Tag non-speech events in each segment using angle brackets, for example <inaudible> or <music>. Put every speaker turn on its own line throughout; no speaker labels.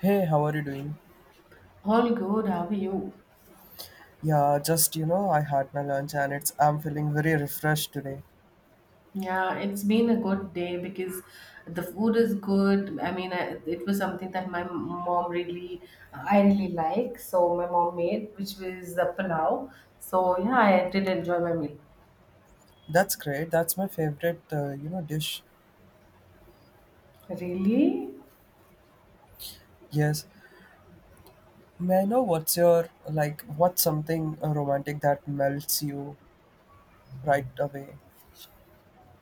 Hey, how are you doing?
All good. How are you?
Yeah, I had my lunch and it's I'm feeling very refreshed today.
Yeah, it's been a good day because the food is good. I mean, it was something that my mom really, I really like. So my mom made, which was the palau. So yeah, I did enjoy my meal.
That's great. That's my favorite, dish.
Really?
Yes. May I know what's your like what's something romantic that melts you right away?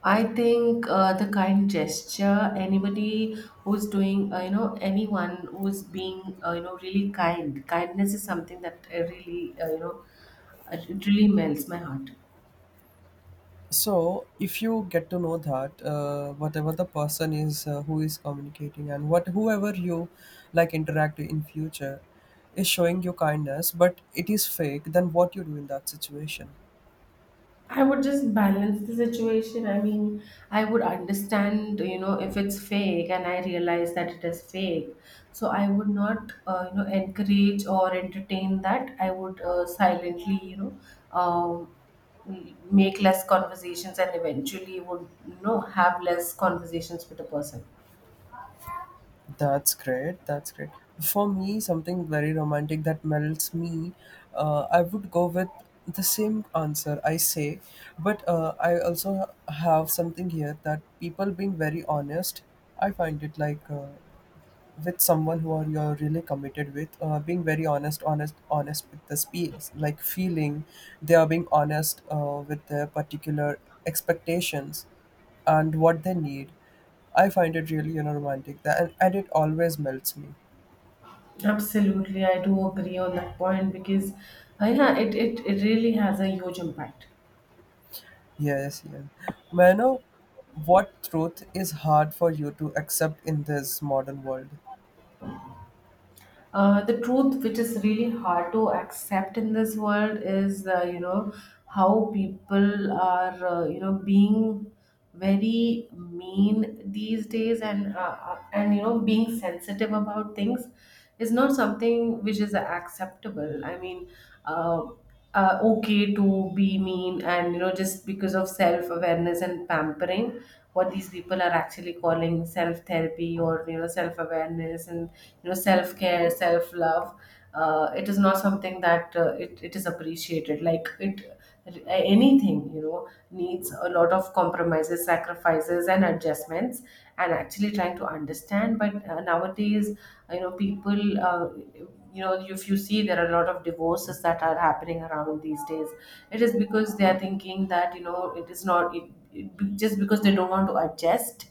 I think the kind gesture, anybody who's doing, anyone who's being, really kind. Kindness is something that it really melts my heart.
So, if you get to know that whatever the person is who is communicating and what whoever you like interact in future is showing you kindness, but it is fake, then what you do in that situation?
I would just balance the situation. I mean, I would understand, you know, if it's fake and I realize that it is fake. So I would not, encourage or entertain that. I would silently, um, make less conversations and eventually would, you know, have less conversations with the person.
That's great. That's great. For me, something very romantic that melts me, I would go with the same answer I say, but I also have something here that people being very honest, I find it like with someone who are you're really committed with, being very honest with the space like feeling they are being honest with their particular expectations and what they need. I find it really, you know, romantic that, and it always melts me.
Absolutely. I do agree on that point because, yeah, it really has a huge impact.
Yes, yes, may I know what truth is hard for you to accept in this modern world?
The truth, which is really hard to accept in this world, is you know, how people are you know, being very mean these days, and you know, being sensitive about things is not something which is acceptable. I mean. Uh, okay to be mean, and you know, just because of self awareness and pampering, what these people are actually calling self therapy or you know, self awareness and you know, self care, self love, it is not something that it is appreciated. Like it, anything, you know, needs a lot of compromises, sacrifices and adjustments, and actually trying to understand. But nowadays, you know, people you know, if you see, there are a lot of divorces that are happening around these days. It is because they are thinking that, you know, it is not it, it, just because they don't want to adjust,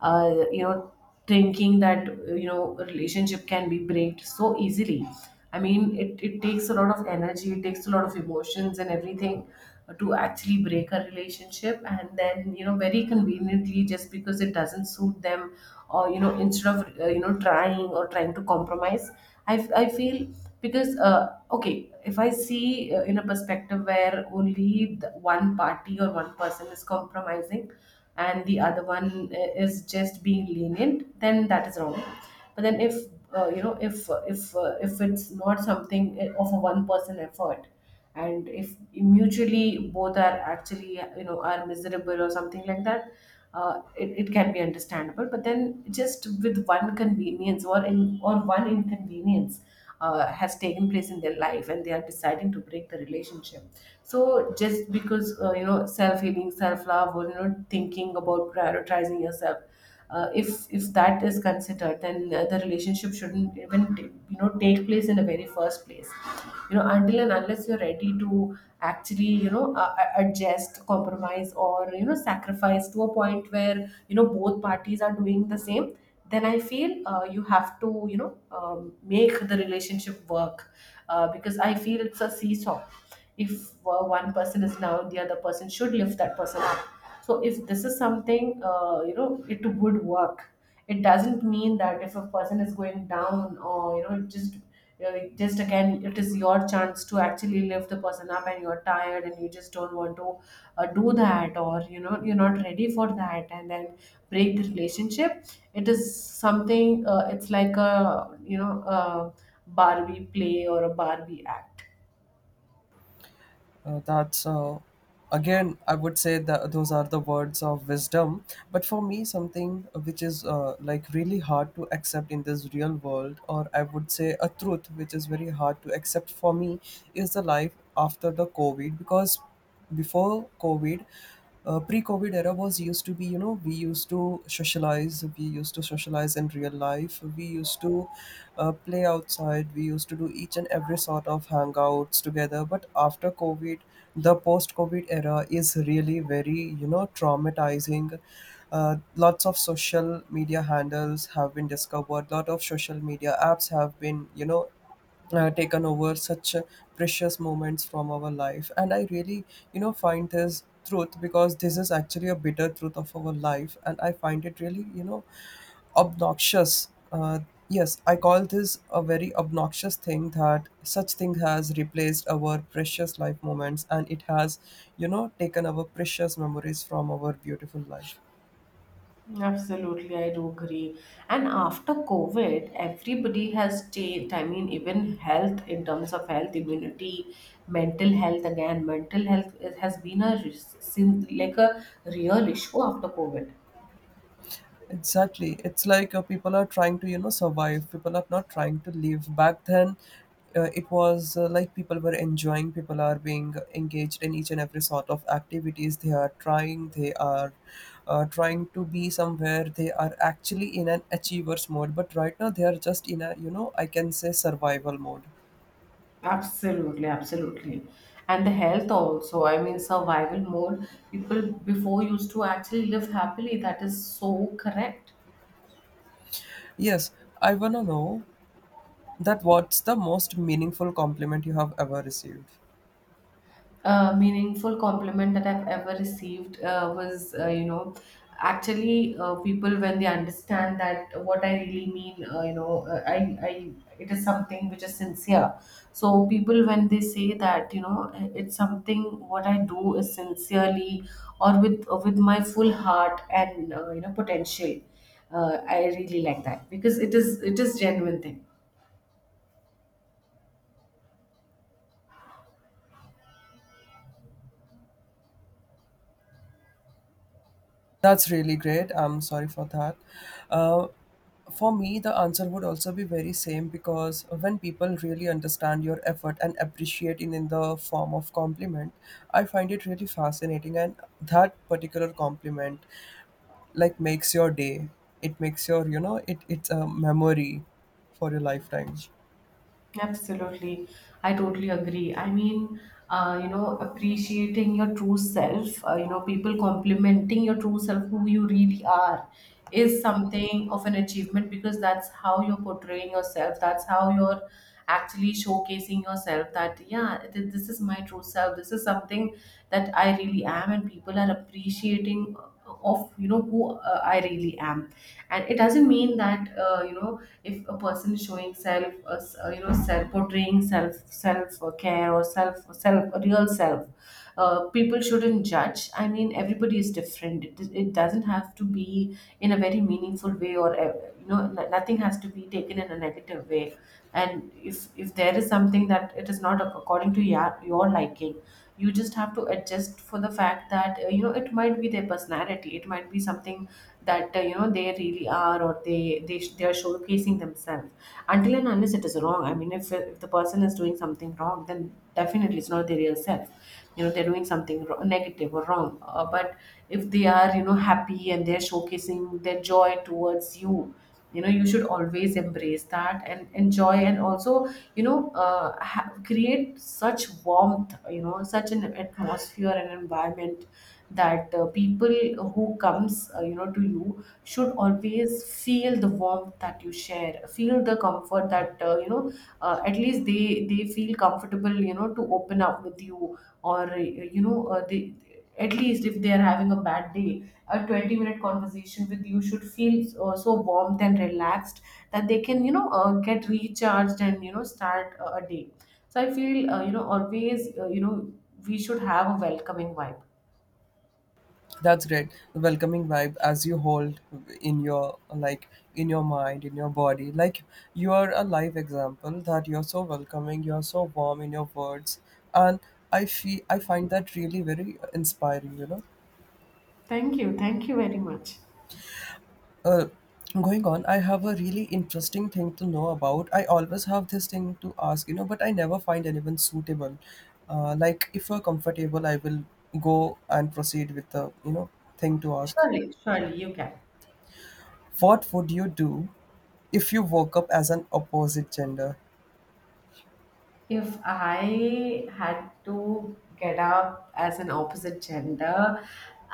you know, thinking that you know, a relationship can be breaked so easily. I mean, it takes a lot of energy, it takes a lot of emotions and everything to actually break a relationship. And then, you know, very conveniently, just because it doesn't suit them, or you know, instead of trying or trying to compromise, I feel, because okay, if I see, in a perspective where only the one party or one person is compromising and the other one, is just being lenient, then that is wrong. But then, if if it's not something, of a one person effort, and if mutually both are actually, you know, are miserable or something like that, it can be understandable. But then just with one convenience, or in or one inconvenience has taken place in their life, and they are deciding to break the relationship. So just because you know, self healing, self love, or you know, thinking about prioritizing yourself, if that is considered, then the relationship shouldn't even you know, take place in the very first place. You know, until and unless you're ready to actually, you know, adjust, compromise, or you know, sacrifice to a point where you know, both parties are doing the same, then I feel you have to, you know, make the relationship work. Because I feel it's a seesaw. If one person is down, the other person should lift that person up. So if this is something, you know, it would work. It doesn't mean that if a person is going down, or you know, it just, again, it is your chance to actually lift the person up, and you're tired and you just don't want to do that, or you know, you're not ready for that, and then break the relationship. It is something, it's like a, you know, a Barbie play or a Barbie act.
That's, again, I would say that those are the words of wisdom. But for me, something which is like really hard to accept in this real world, or I would say a truth which is very hard to accept for me, is the life after the COVID, because before COVID, pre-COVID era was used to be, you know, we used to socialize, we used to socialize in real life, we used to play outside, we used to do each and every sort of hangouts together. But after COVID, the post-COVID era is really very, you know, traumatizing. Lots of social media handles have been discovered. Lot of social media apps have been, you know, taken over such precious moments from our life, and I really, you know, find this truth, because this is actually a bitter truth of our life, and I find it really, you know, obnoxious. Yes, I call this a very obnoxious thing, that such thing has replaced our precious life moments, and it has, you know, taken our precious memories from our beautiful life.
Absolutely, I do agree. And after COVID, everybody has changed. I mean, even health, in terms of health, immunity, mental health, again, mental health, it has been a like a real issue after COVID.
Exactly. It's like people are trying to, you know, survive. People are not trying to live. Back then, it was like people were enjoying, people are being engaged in each and every sort of activities. They are trying to be somewhere. They are actually in an achiever's mode. But right now, they are just in a, you know, I can say survival mode.
Absolutely, absolutely. And the health also, I mean, survival mode. People before used to actually live happily. That is so correct.
Yes, I want to know that what's the most meaningful compliment you have ever received?
Meaningful compliment that I've ever received was, you know, actually people when they understand that what I really mean, I, it is something which is sincere. So people when they say that, you know, it's something what I do is sincerely, or with my full heart and you know, potential. I really like that because it is genuine thing.
That's really great. I'm sorry for that. Uh, for me, the answer would also be very same, because when people really understand your effort and appreciate it in the form of compliment, I find it really fascinating, and that particular compliment like makes your day. It makes your, you know, it's a memory for your lifetime.
Absolutely. I totally agree. I mean, you know, appreciating your true self, you know, people complimenting your true self, who you really are, is something of an achievement because that's how you're portraying yourself. That's how you're actually showcasing yourself that, yeah, this is my true self. This is something that I really am, and people are appreciating of you know, who I really am. And it doesn't mean that you know, if a person is showing self, you know, self portraying, self care, or self real self, people shouldn't judge. I mean, everybody is different. It doesn't have to be in a very meaningful way, or you know, nothing has to be taken in a negative way. And if there is something that it is not according to your liking, you just have to adjust, for the fact that you know, it might be their personality, it might be something that you know, they really are, or they, they are showcasing themselves. Until and unless it is wrong. I mean, if the person is doing something wrong, then definitely it's not their real self. You know, they're doing something wrong, negative or wrong, but if they are, you know, happy, and they're showcasing their joy towards you, you know, you should always embrace that and enjoy. And also, you know, create such warmth, you know, such an atmosphere and environment, that people who comes, you know, to you, should always feel the warmth that you share, feel the comfort, that at least they feel comfortable, you know, to open up with you, or they, at least if they are having a bad day, a 20-minute conversation with you should feel so warm and relaxed, that they can, you know, get recharged, and you know, start a day. So I feel you know, we should have a welcoming vibe.
That's great. The welcoming vibe as you hold in your like in your mind, in your body. Like you are a live example that you're so welcoming, you're so warm in your words. And I feel I find that really very inspiring, you know.
Thank you, thank you very much.
Uh, Going on, I have a really interesting thing to know about. I always have this thing to ask, you know, but I never find anyone suitable. Like if you're comfortable, I will go and proceed with the, you know, thing to ask.
Surely, surely, you can.
What would you do if you woke up as an opposite gender?
If I had to get up as an opposite gender,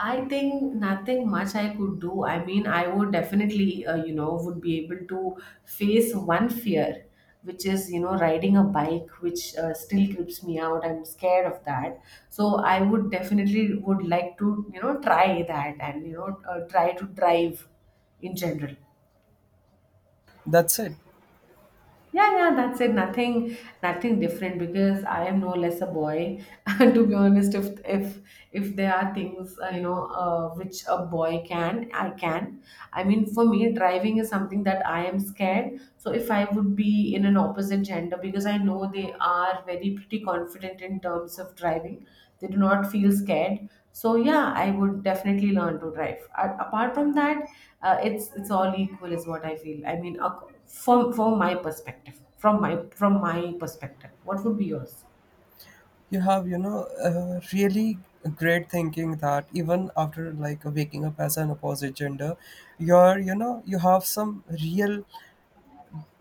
I think nothing much I could do. I mean, I would definitely, you know, would be able to face one fear, which is, you know, riding a bike, which still creeps me out. I'm scared of that. So I would definitely would like to, you know, try that, and you know, try to drive in general.
That's it.
Yeah, yeah, that's it. Nothing, nothing different, because I am no less a boy. <laughs> To be honest, if there are things, which a boy can. I mean, for me, driving is something that I am scared. So if I would be in an opposite gender, because I know they are very pretty confident in terms of driving, they do not feel scared. So yeah, I would definitely learn to drive. Apart from that, it's all equal is what I feel. I mean, from my perspective, from my perspective, what would be yours?
You have, you know, really great thinking that even after like waking up as an opposite gender, you're, you know, you have some real,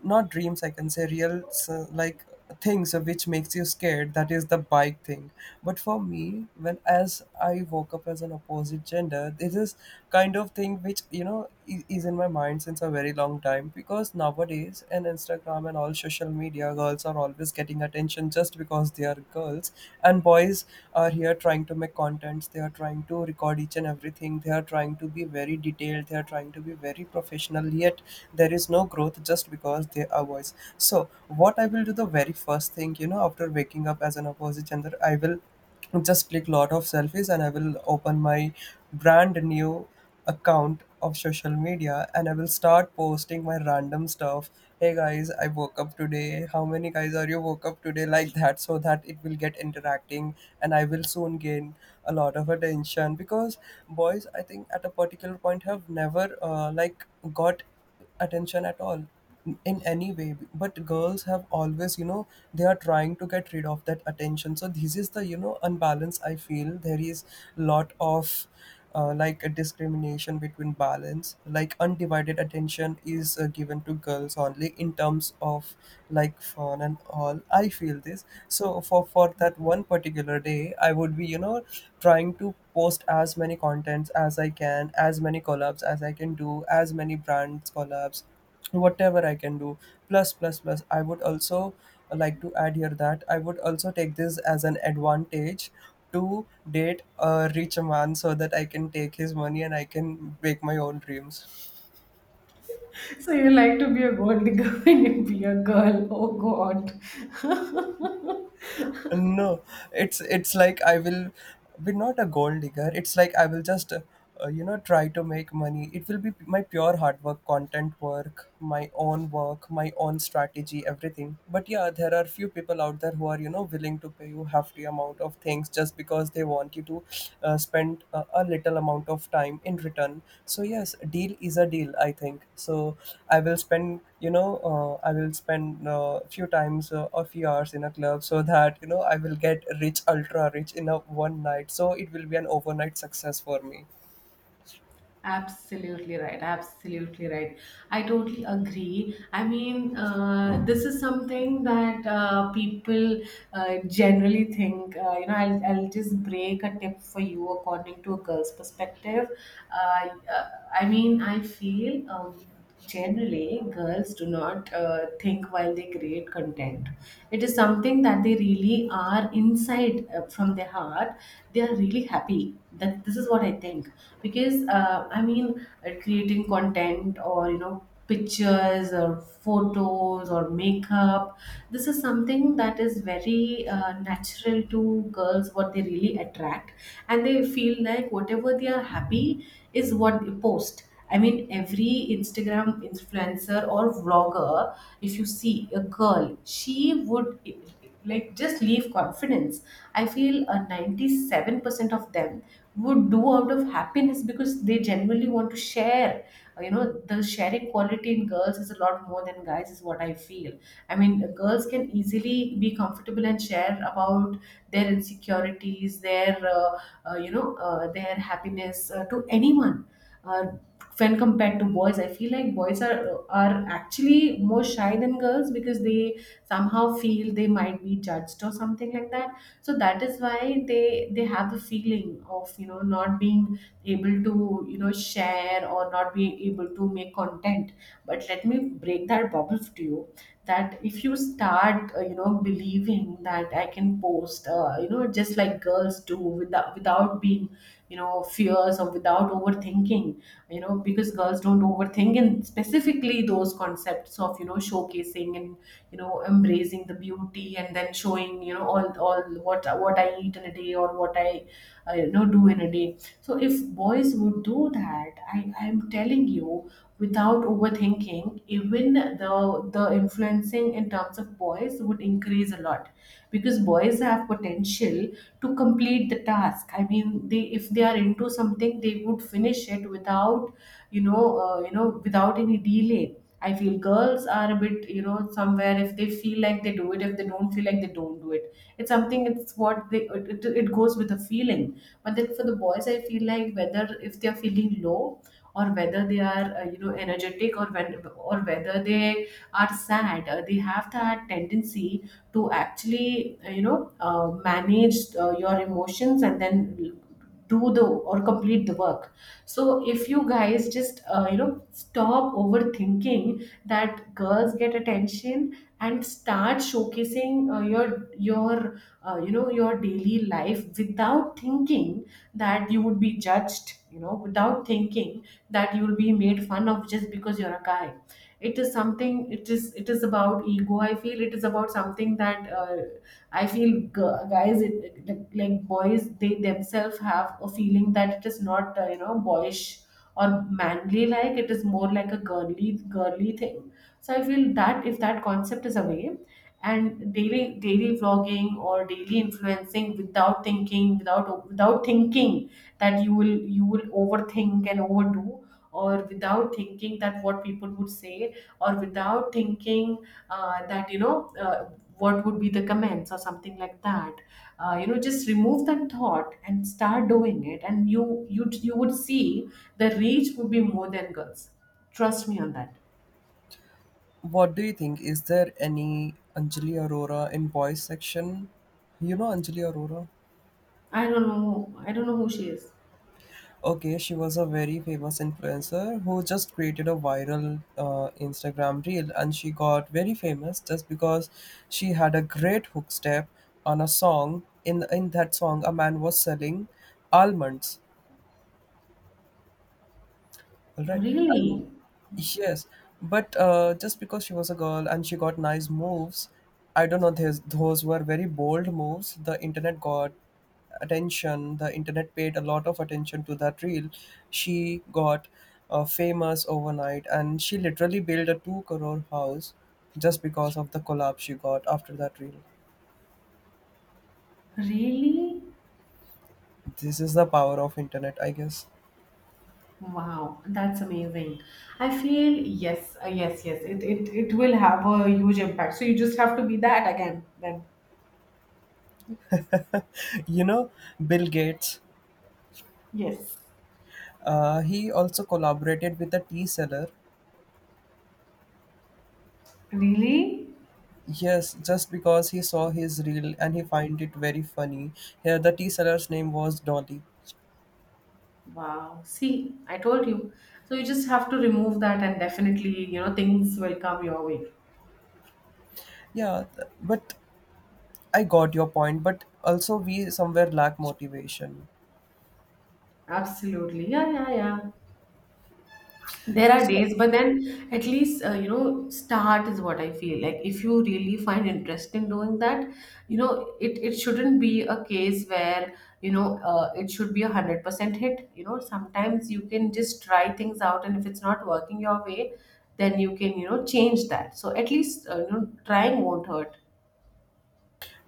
not dreams, I can say real like things which makes you scared, that is the bike thing. But for me, when as I woke up as an opposite gender, this is kind of thing which, you know, is in my mind since a very long time, because nowadays in Instagram and all social media, girls are always getting attention just because they are girls, and boys are here trying to make contents, they are trying to record each and everything, they are trying to be very detailed, they are trying to be very professional, yet there is no growth just because they are boys. So what I will do the very first thing, you know, after waking up as an opposite gender, I will just click lot of selfies, and I will open my brand new account of social media, and I will start posting my random stuff. Hey guys, I woke up today. How many guys are you woke up today? Like that, so that it will get interacting, and I will soon gain a lot of attention, because boys, I think, at a particular point have never, like, got attention at all in any way, but girls have always, you know, they are trying to get rid of that attention. So this is the, you know, unbalance I feel there is lot of, like a discrimination between balance, like undivided attention is given to girls only in terms of like fun and all, I feel this. So for that one particular day, I would be, you know, trying to post as many contents as I can, as many collabs as I can do, as many brands collabs, whatever I can do. Plus, plus, plus. I would also like to add here that I would also take this as an advantage to date a rich man, so that I can take his money and I can make my own dreams.
So you like to be a gold digger <laughs> when you be a girl. Oh God. <laughs>
No, it's like I will be not a gold digger. It's like I will just, you know, try to make money. It will be my pure hard work, content work, my own work, my own strategy, everything. But yeah, there are few people out there who are, you know, willing to pay you hefty amount of things just because they want you to spend a little amount of time in return. So yes, deal is a deal, I think so. I will spend, you know, I will spend few times a few hours in a club so that, you know, I will get rich, ultra rich, in a one night. So it will be an overnight success for me.
Absolutely right. Absolutely right. I totally agree. I mean, this is something that people generally think. You know, I'll just break a tip for you according to a girl's perspective. Uh, uh, I mean, I feel. Generally girls do not think while they create content. It is something that they really are inside, from their heart. They are really happy. That this is what I think. Because creating content, or you know, pictures or photos or makeup, this is something that is very natural to girls, what they really attract, and they feel like whatever they are happy is what they post. I mean, every Instagram influencer or vlogger, if you see a girl, she would like just leave confidence. I feel 97% of them would do out of happiness because they genuinely want to share. The sharing quality in girls is a lot more than guys, is what I feel. I mean, girls can easily be comfortable and share about their insecurities, their happiness to anyone. Uh, when compared to boys, I feel like boys are actually more shy than girls, because they somehow feel they might be judged or something like that. So that is why they have the feeling of, you know, not being able to, you know, share, or not being able to make content. But let me break that bubble to you, that if you start, you know, believing that I can post, you know, just like girls do, without being, you know, fears, or without overthinking. You know, because girls don't overthink, and specifically those concepts of, you know, showcasing and, you know, embracing the beauty, and then showing, you know, all what I eat in a day, or what I, you know, do in a day. So if boys would do that, I'm telling you, without overthinking, even the influencing in terms of boys would increase a lot, because boys have potential to complete the task. I mean, they, if they are into something, they would finish it without, you know, without any delay. I feel girls are a bit, you know, somewhere, if they feel like, they do it. If they don't feel like, they don't do it. It's something, it's what they, it goes with the feeling. But then for the boys, I feel like, whether if they are feeling low, or whether they are, you know, energetic, or when, or whether they are sad, they have that tendency to actually, you know, manage your emotions, and then do the, or complete the work. So if you guys just, you know, stop overthinking that girls get attention, and start showcasing, you know, your daily life, without thinking that you would be judged, you know, without thinking that you will be made fun of just because you're a guy. It is something, it is, it is about ego, I feel. It is about something that, I feel, guys, like boys, they themselves have a feeling that it is not, you know, boyish or manly, like it is more like a girly thing. So I feel that if that concept is away, and daily vlogging, or daily influencing, without thinking, without thinking that you will, you will overthink and overdo, or without thinking that what people would say, or without thinking, that you know what would be the comments or something like that. You know, just remove that thought and start doing it, and you would see the reach would be more than girls. Trust me on that.
What do you think? Is there any Anjali Arora in boys section? You know Anjali Arora?
I don't know, I don't know who she is.
Okay, she was a very famous influencer who just created a viral Instagram reel, and she got very famous just because she had a great hook step on a song. In that song, a man was selling almonds, all right. And
Really?
yes, but just because she was a girl and she got nice moves, I don't know, those were very bold moves. The internet got attention, the internet paid a lot of attention to that reel. She got famous overnight, and she literally built a 2 crore house just because of the collab she got after that reel.
Really?
This is the power of internet, I guess.
Wow, that's amazing. I feel, yes, yes, yes. It will have a huge impact. So you just have to be that again then.
<laughs> You know, Bill Gates,
Yes.
he also collaborated with a tea seller.
Really?
Yes, just because he saw his reel and he find it very funny. Yeah, the tea seller's name was Dolly.
Wow. See, I told you. So you just have to remove that, and definitely, you know, things will come your way.
Yeah, but I got your point. But also, we somewhere lack motivation.
Absolutely. Yeah, yeah, yeah. There are
So,
days, but then at least, you know, start is what I feel like, if you really find interest in doing that. You know, it shouldn't be a case where, you know, it should be a 100% hit. You know, sometimes you can just try things out, and if it's not working your way, then you can, you know, change that. So at least, you know, trying won't hurt.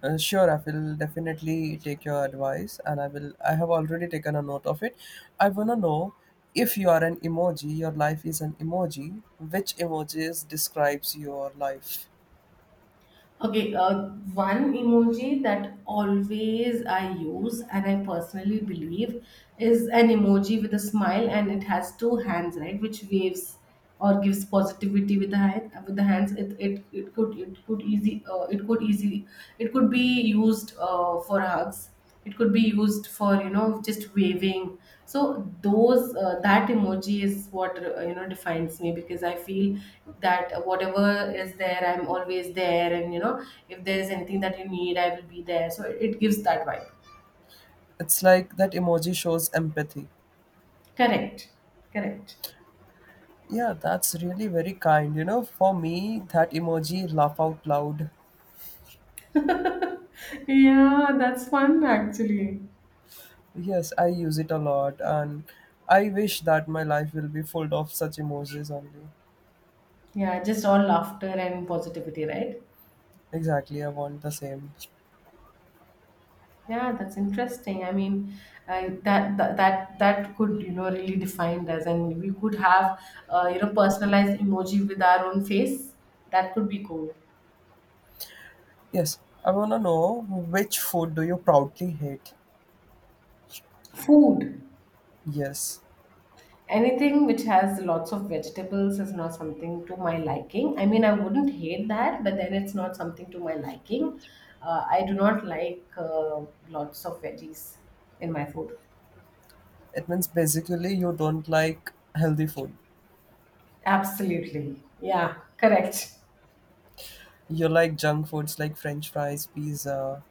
sure, I will definitely take your advice, and I will. I have already taken a note of it. I wanna know if you are an emoji. Your life is an emoji. Which emojis describes your life?
Okay, one emoji that always I use and I personally believe is an emoji with a smile, and it has two hands, right? Which waves or gives positivity with the hand, with the hands. It could, it could easy, it could be used, for hugs. It could be used for, you know, just waving. So those that emoji is what, you know, defines me, because I feel that whatever is there, I'm always there, and you know, if there is anything that you need, I will be there. So it gives that vibe.
It's like that emoji shows empathy.
Correct. Correct.
Yeah, that's really very kind. You know, for me, that emoji laugh out loud.
<laughs> Yeah, that's fun actually.
Yes, I use it a lot, and I wish that my life will be full of such emojis only.
Yeah, just all laughter and positivity, right.
Exactly, I want the same.
Yeah, that's interesting. I mean, I, that, that could, you know, really define us, and we could have, you know, personalized emoji with our own face. That could be cool.
Yes, I wanna know which food do you proudly hate?
Food,
Yes,
anything which has lots of vegetables is not something to my liking. I mean, I wouldn't hate that, but then it's not something to my liking. I do not like, lots of veggies in my food.
it means basically you don't like healthy food.
Absolutely. Yeah, correct.
You like junk foods like French fries, pizza.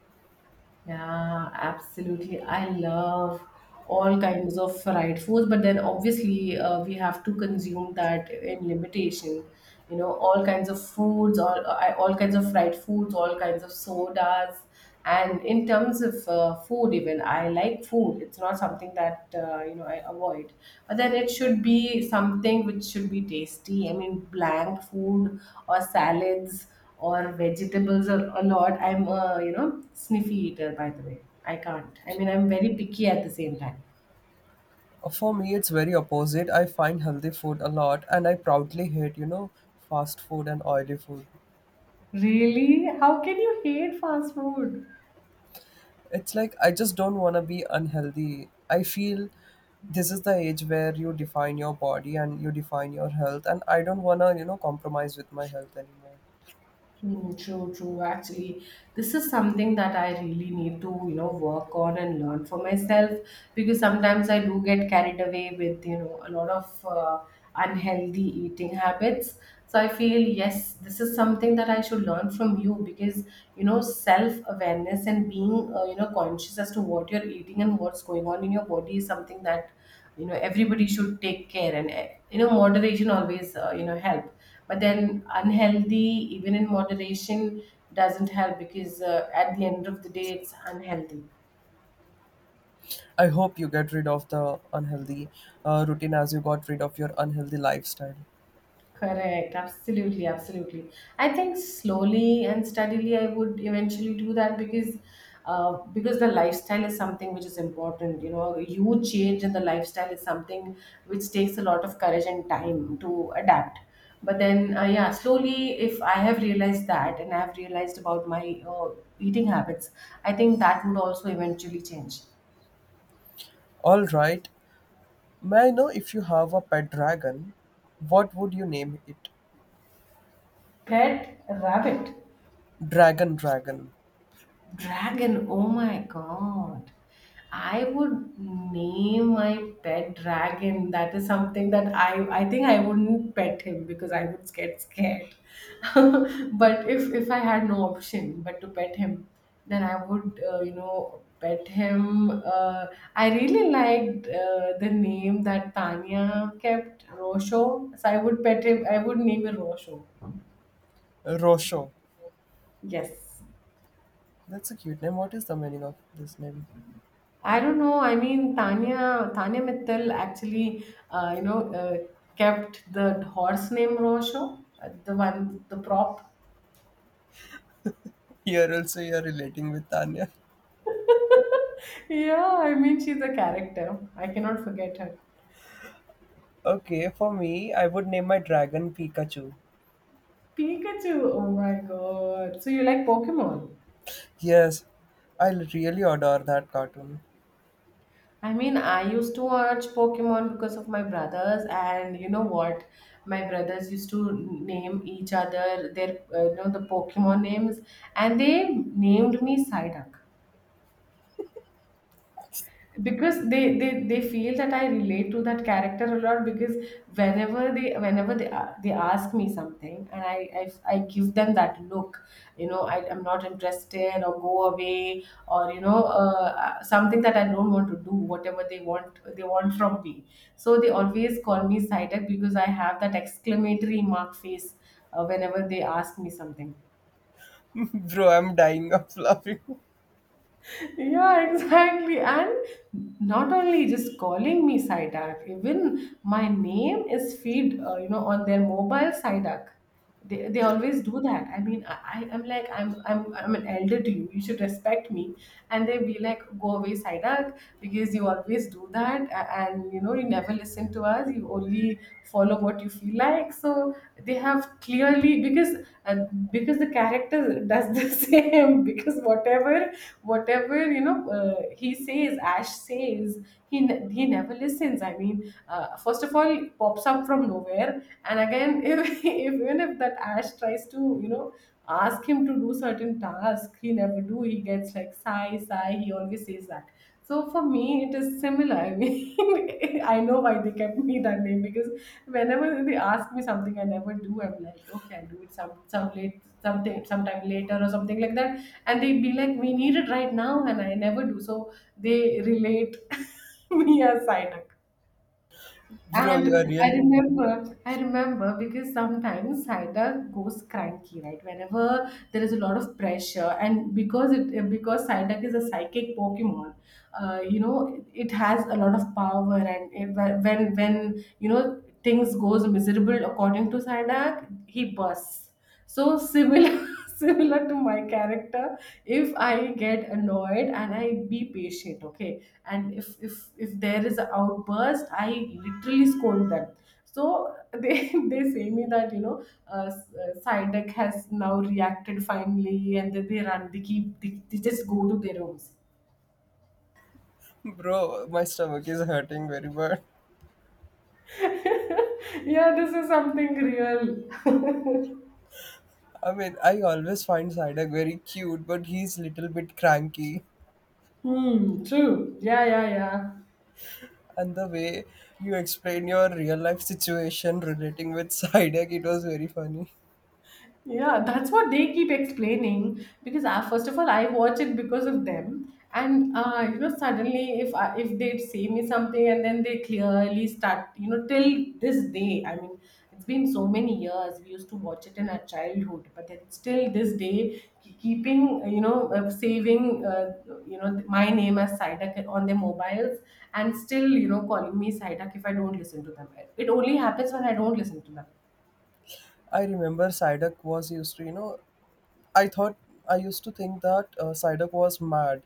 Yeah, absolutely. I love all kinds of fried foods, but then obviously, we have to consume that in limitation. You know, all kinds of foods, all kinds of fried foods, all kinds of sodas, and in terms of, food, even I like food. It's not something that, you know, I avoid, but then it should be something which should be tasty. I mean, bland food, or salads, or vegetables a lot. I'm a, you know, sniffy eater by the way. I can't. I mean, I'm very picky at the same time.
For me, it's very opposite. I find healthy food a lot, and I proudly hate, you know, fast food and oily food.
Really? How can you hate fast food?
It's like I just don't want to be unhealthy. I feel this is the age where you define your body and you define your health, and I don't want to, you know, compromise with my health anymore.
Mm, true, true. Actually, this is something that I really need to, you know, work on and learn for myself, because sometimes I do get carried away with, you know, a lot of, unhealthy eating habits. So I feel, yes, this is something that I should learn from you, because, you know, self-awareness and being, you know, conscious as to what you're eating and what's going on in your body is something that, you know, everybody should take care, and, you know, moderation always, you know, help. But then, unhealthy even in moderation doesn't help, because at the end of the day, it's unhealthy.
I hope you get rid of the unhealthy routine as you got rid of your unhealthy lifestyle.
Correct. Absolutely. Absolutely. I think slowly and steadily, I would eventually do that, because the lifestyle is something which is important. You know, a huge change in the lifestyle is something which takes a lot of courage and time to adapt. But then, yeah, slowly, if I have realized that, and I have realized about my, eating habits, I think that would also eventually change.
All right, may I know, if you have a pet dragon, what would you name it?
Pet rabbit.
Dragon,
Dragon, oh my god. I would name my pet dragon. That is something that, I think I wouldn't pet him, because I would get scared. <laughs> but if I had no option but to pet him, then I would, you know, pet him. I really liked, the name that Tanya kept, Rosho. So I would pet him. I would name him Rosho.
Rosho.
Yes.
That's a cute name. What is the meaning of this name?
I don't know. I mean, Tanya Mittal actually, you know, kept the horse name Rosho, the one, the prop.
<laughs> Here also you are relating with Tanya.
<laughs> yeah, I mean, she's a character. I cannot forget her.
Okay, for me, I would name my dragon Pikachu.
Pikachu. Oh my god. So you like Pokemon?
Yes, I really adore that cartoon.
I mean, I used to watch Pokemon because of my brothers, and you know what? My brothers used to name each other their, you know, the Pokemon names, and they named me Psyduck. Because they feel that I relate to that character a lot, because whenever they ask me something, and I give them that look, you know. I'm not interested, or go away, or you know, something that I don't want to do, whatever they want, they want from me. So they always call me Sided, because I have that exclamatory mark face, whenever they ask me something.
<laughs> Bro, I'm dying of <laughs> laughing.
Yeah, exactly. And not only just calling me Sidak, even my name is feed, you know, on their mobile Sidak. They always do that. I mean, am like, I'm an elder to you. You should respect me. And they be like, go away, Sidak, because you always do that. And, you know, you never listen to us. You only follow what you feel like. So they have clearly, because, and because the character does the <laughs> same, because whatever, you know, he says, Ash says, he never listens. I mean, first of all, it pops up from nowhere, and again, <laughs> if, even if that Ash tries to, you know, ask him to do certain task, he never do. He gets like, sigh, sigh, he always says that. So for me, it is similar. I mean, <laughs> I know why they kept me that name, because whenever they ask me something, I never do. I'm like, okay, I'll do it sometime later, or something like that. And they'd be like, we need it right now, and I never do. So they relate <laughs> me as Cider.
Bro, you are
And I
really.
remember, I remember, because sometimes Cider goes cranky, right? Whenever there is a lot of pressure, and because Cider is a psychic Pokemon, you know, it has a lot of power, and it, when, you know, things goes miserable according to Psyduck, he bursts. So similar, <laughs> similar to my character. If I get annoyed, and I be patient, okay, and if there is an outburst, I literally scold them. So they <laughs> they say me that, you know, Psyduck has now reacted finally, and then they run, they just go to their rooms.
Bro, my stomach is hurting very bad.
<laughs> yeah, this is something real.
I mean, I always find Psyduck very cute, but he's little bit cranky.
Hmm, true, yeah, yeah, yeah.
And the way you explain your real life situation relating with <laughs> Psyduck, it was very funny.
Yeah, that's what they keep explaining, because I, first of all, I watch it because of them, and, you know, suddenly if I, if they say me something, and then they clearly start, you know, till this day. I mean, it's been so many years. We used to watch it in our childhood, but then still this day, keeping, you know, saving, you know, my name as Saida on their mobiles, and still, you know, calling me Saida if I don't listen to them. It only happens when I don't listen to them.
I remember Psyduck was used to, you know, I thought I used to think that Psyduck was mad.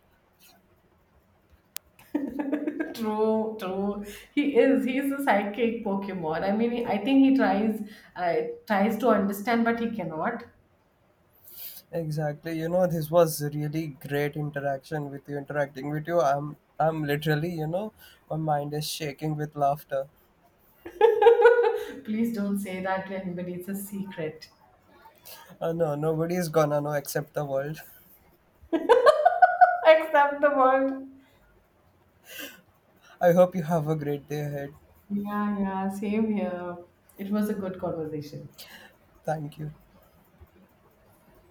True, true. He is. He's a psychic Pokemon. I mean, I think he tries, uh, tries to understand, but he cannot.
Exactly. You know, this was really great interaction with you, interacting with you. I'm literally, you know, my mind is shaking with laughter.
<laughs> Please don't say that to anybody. It's a secret.
No, nobody is gonna know except the world.
<laughs> Except the world.
<laughs> I hope you have a great day ahead.
Yeah, yeah. Same here. It was a good conversation.
Thank you.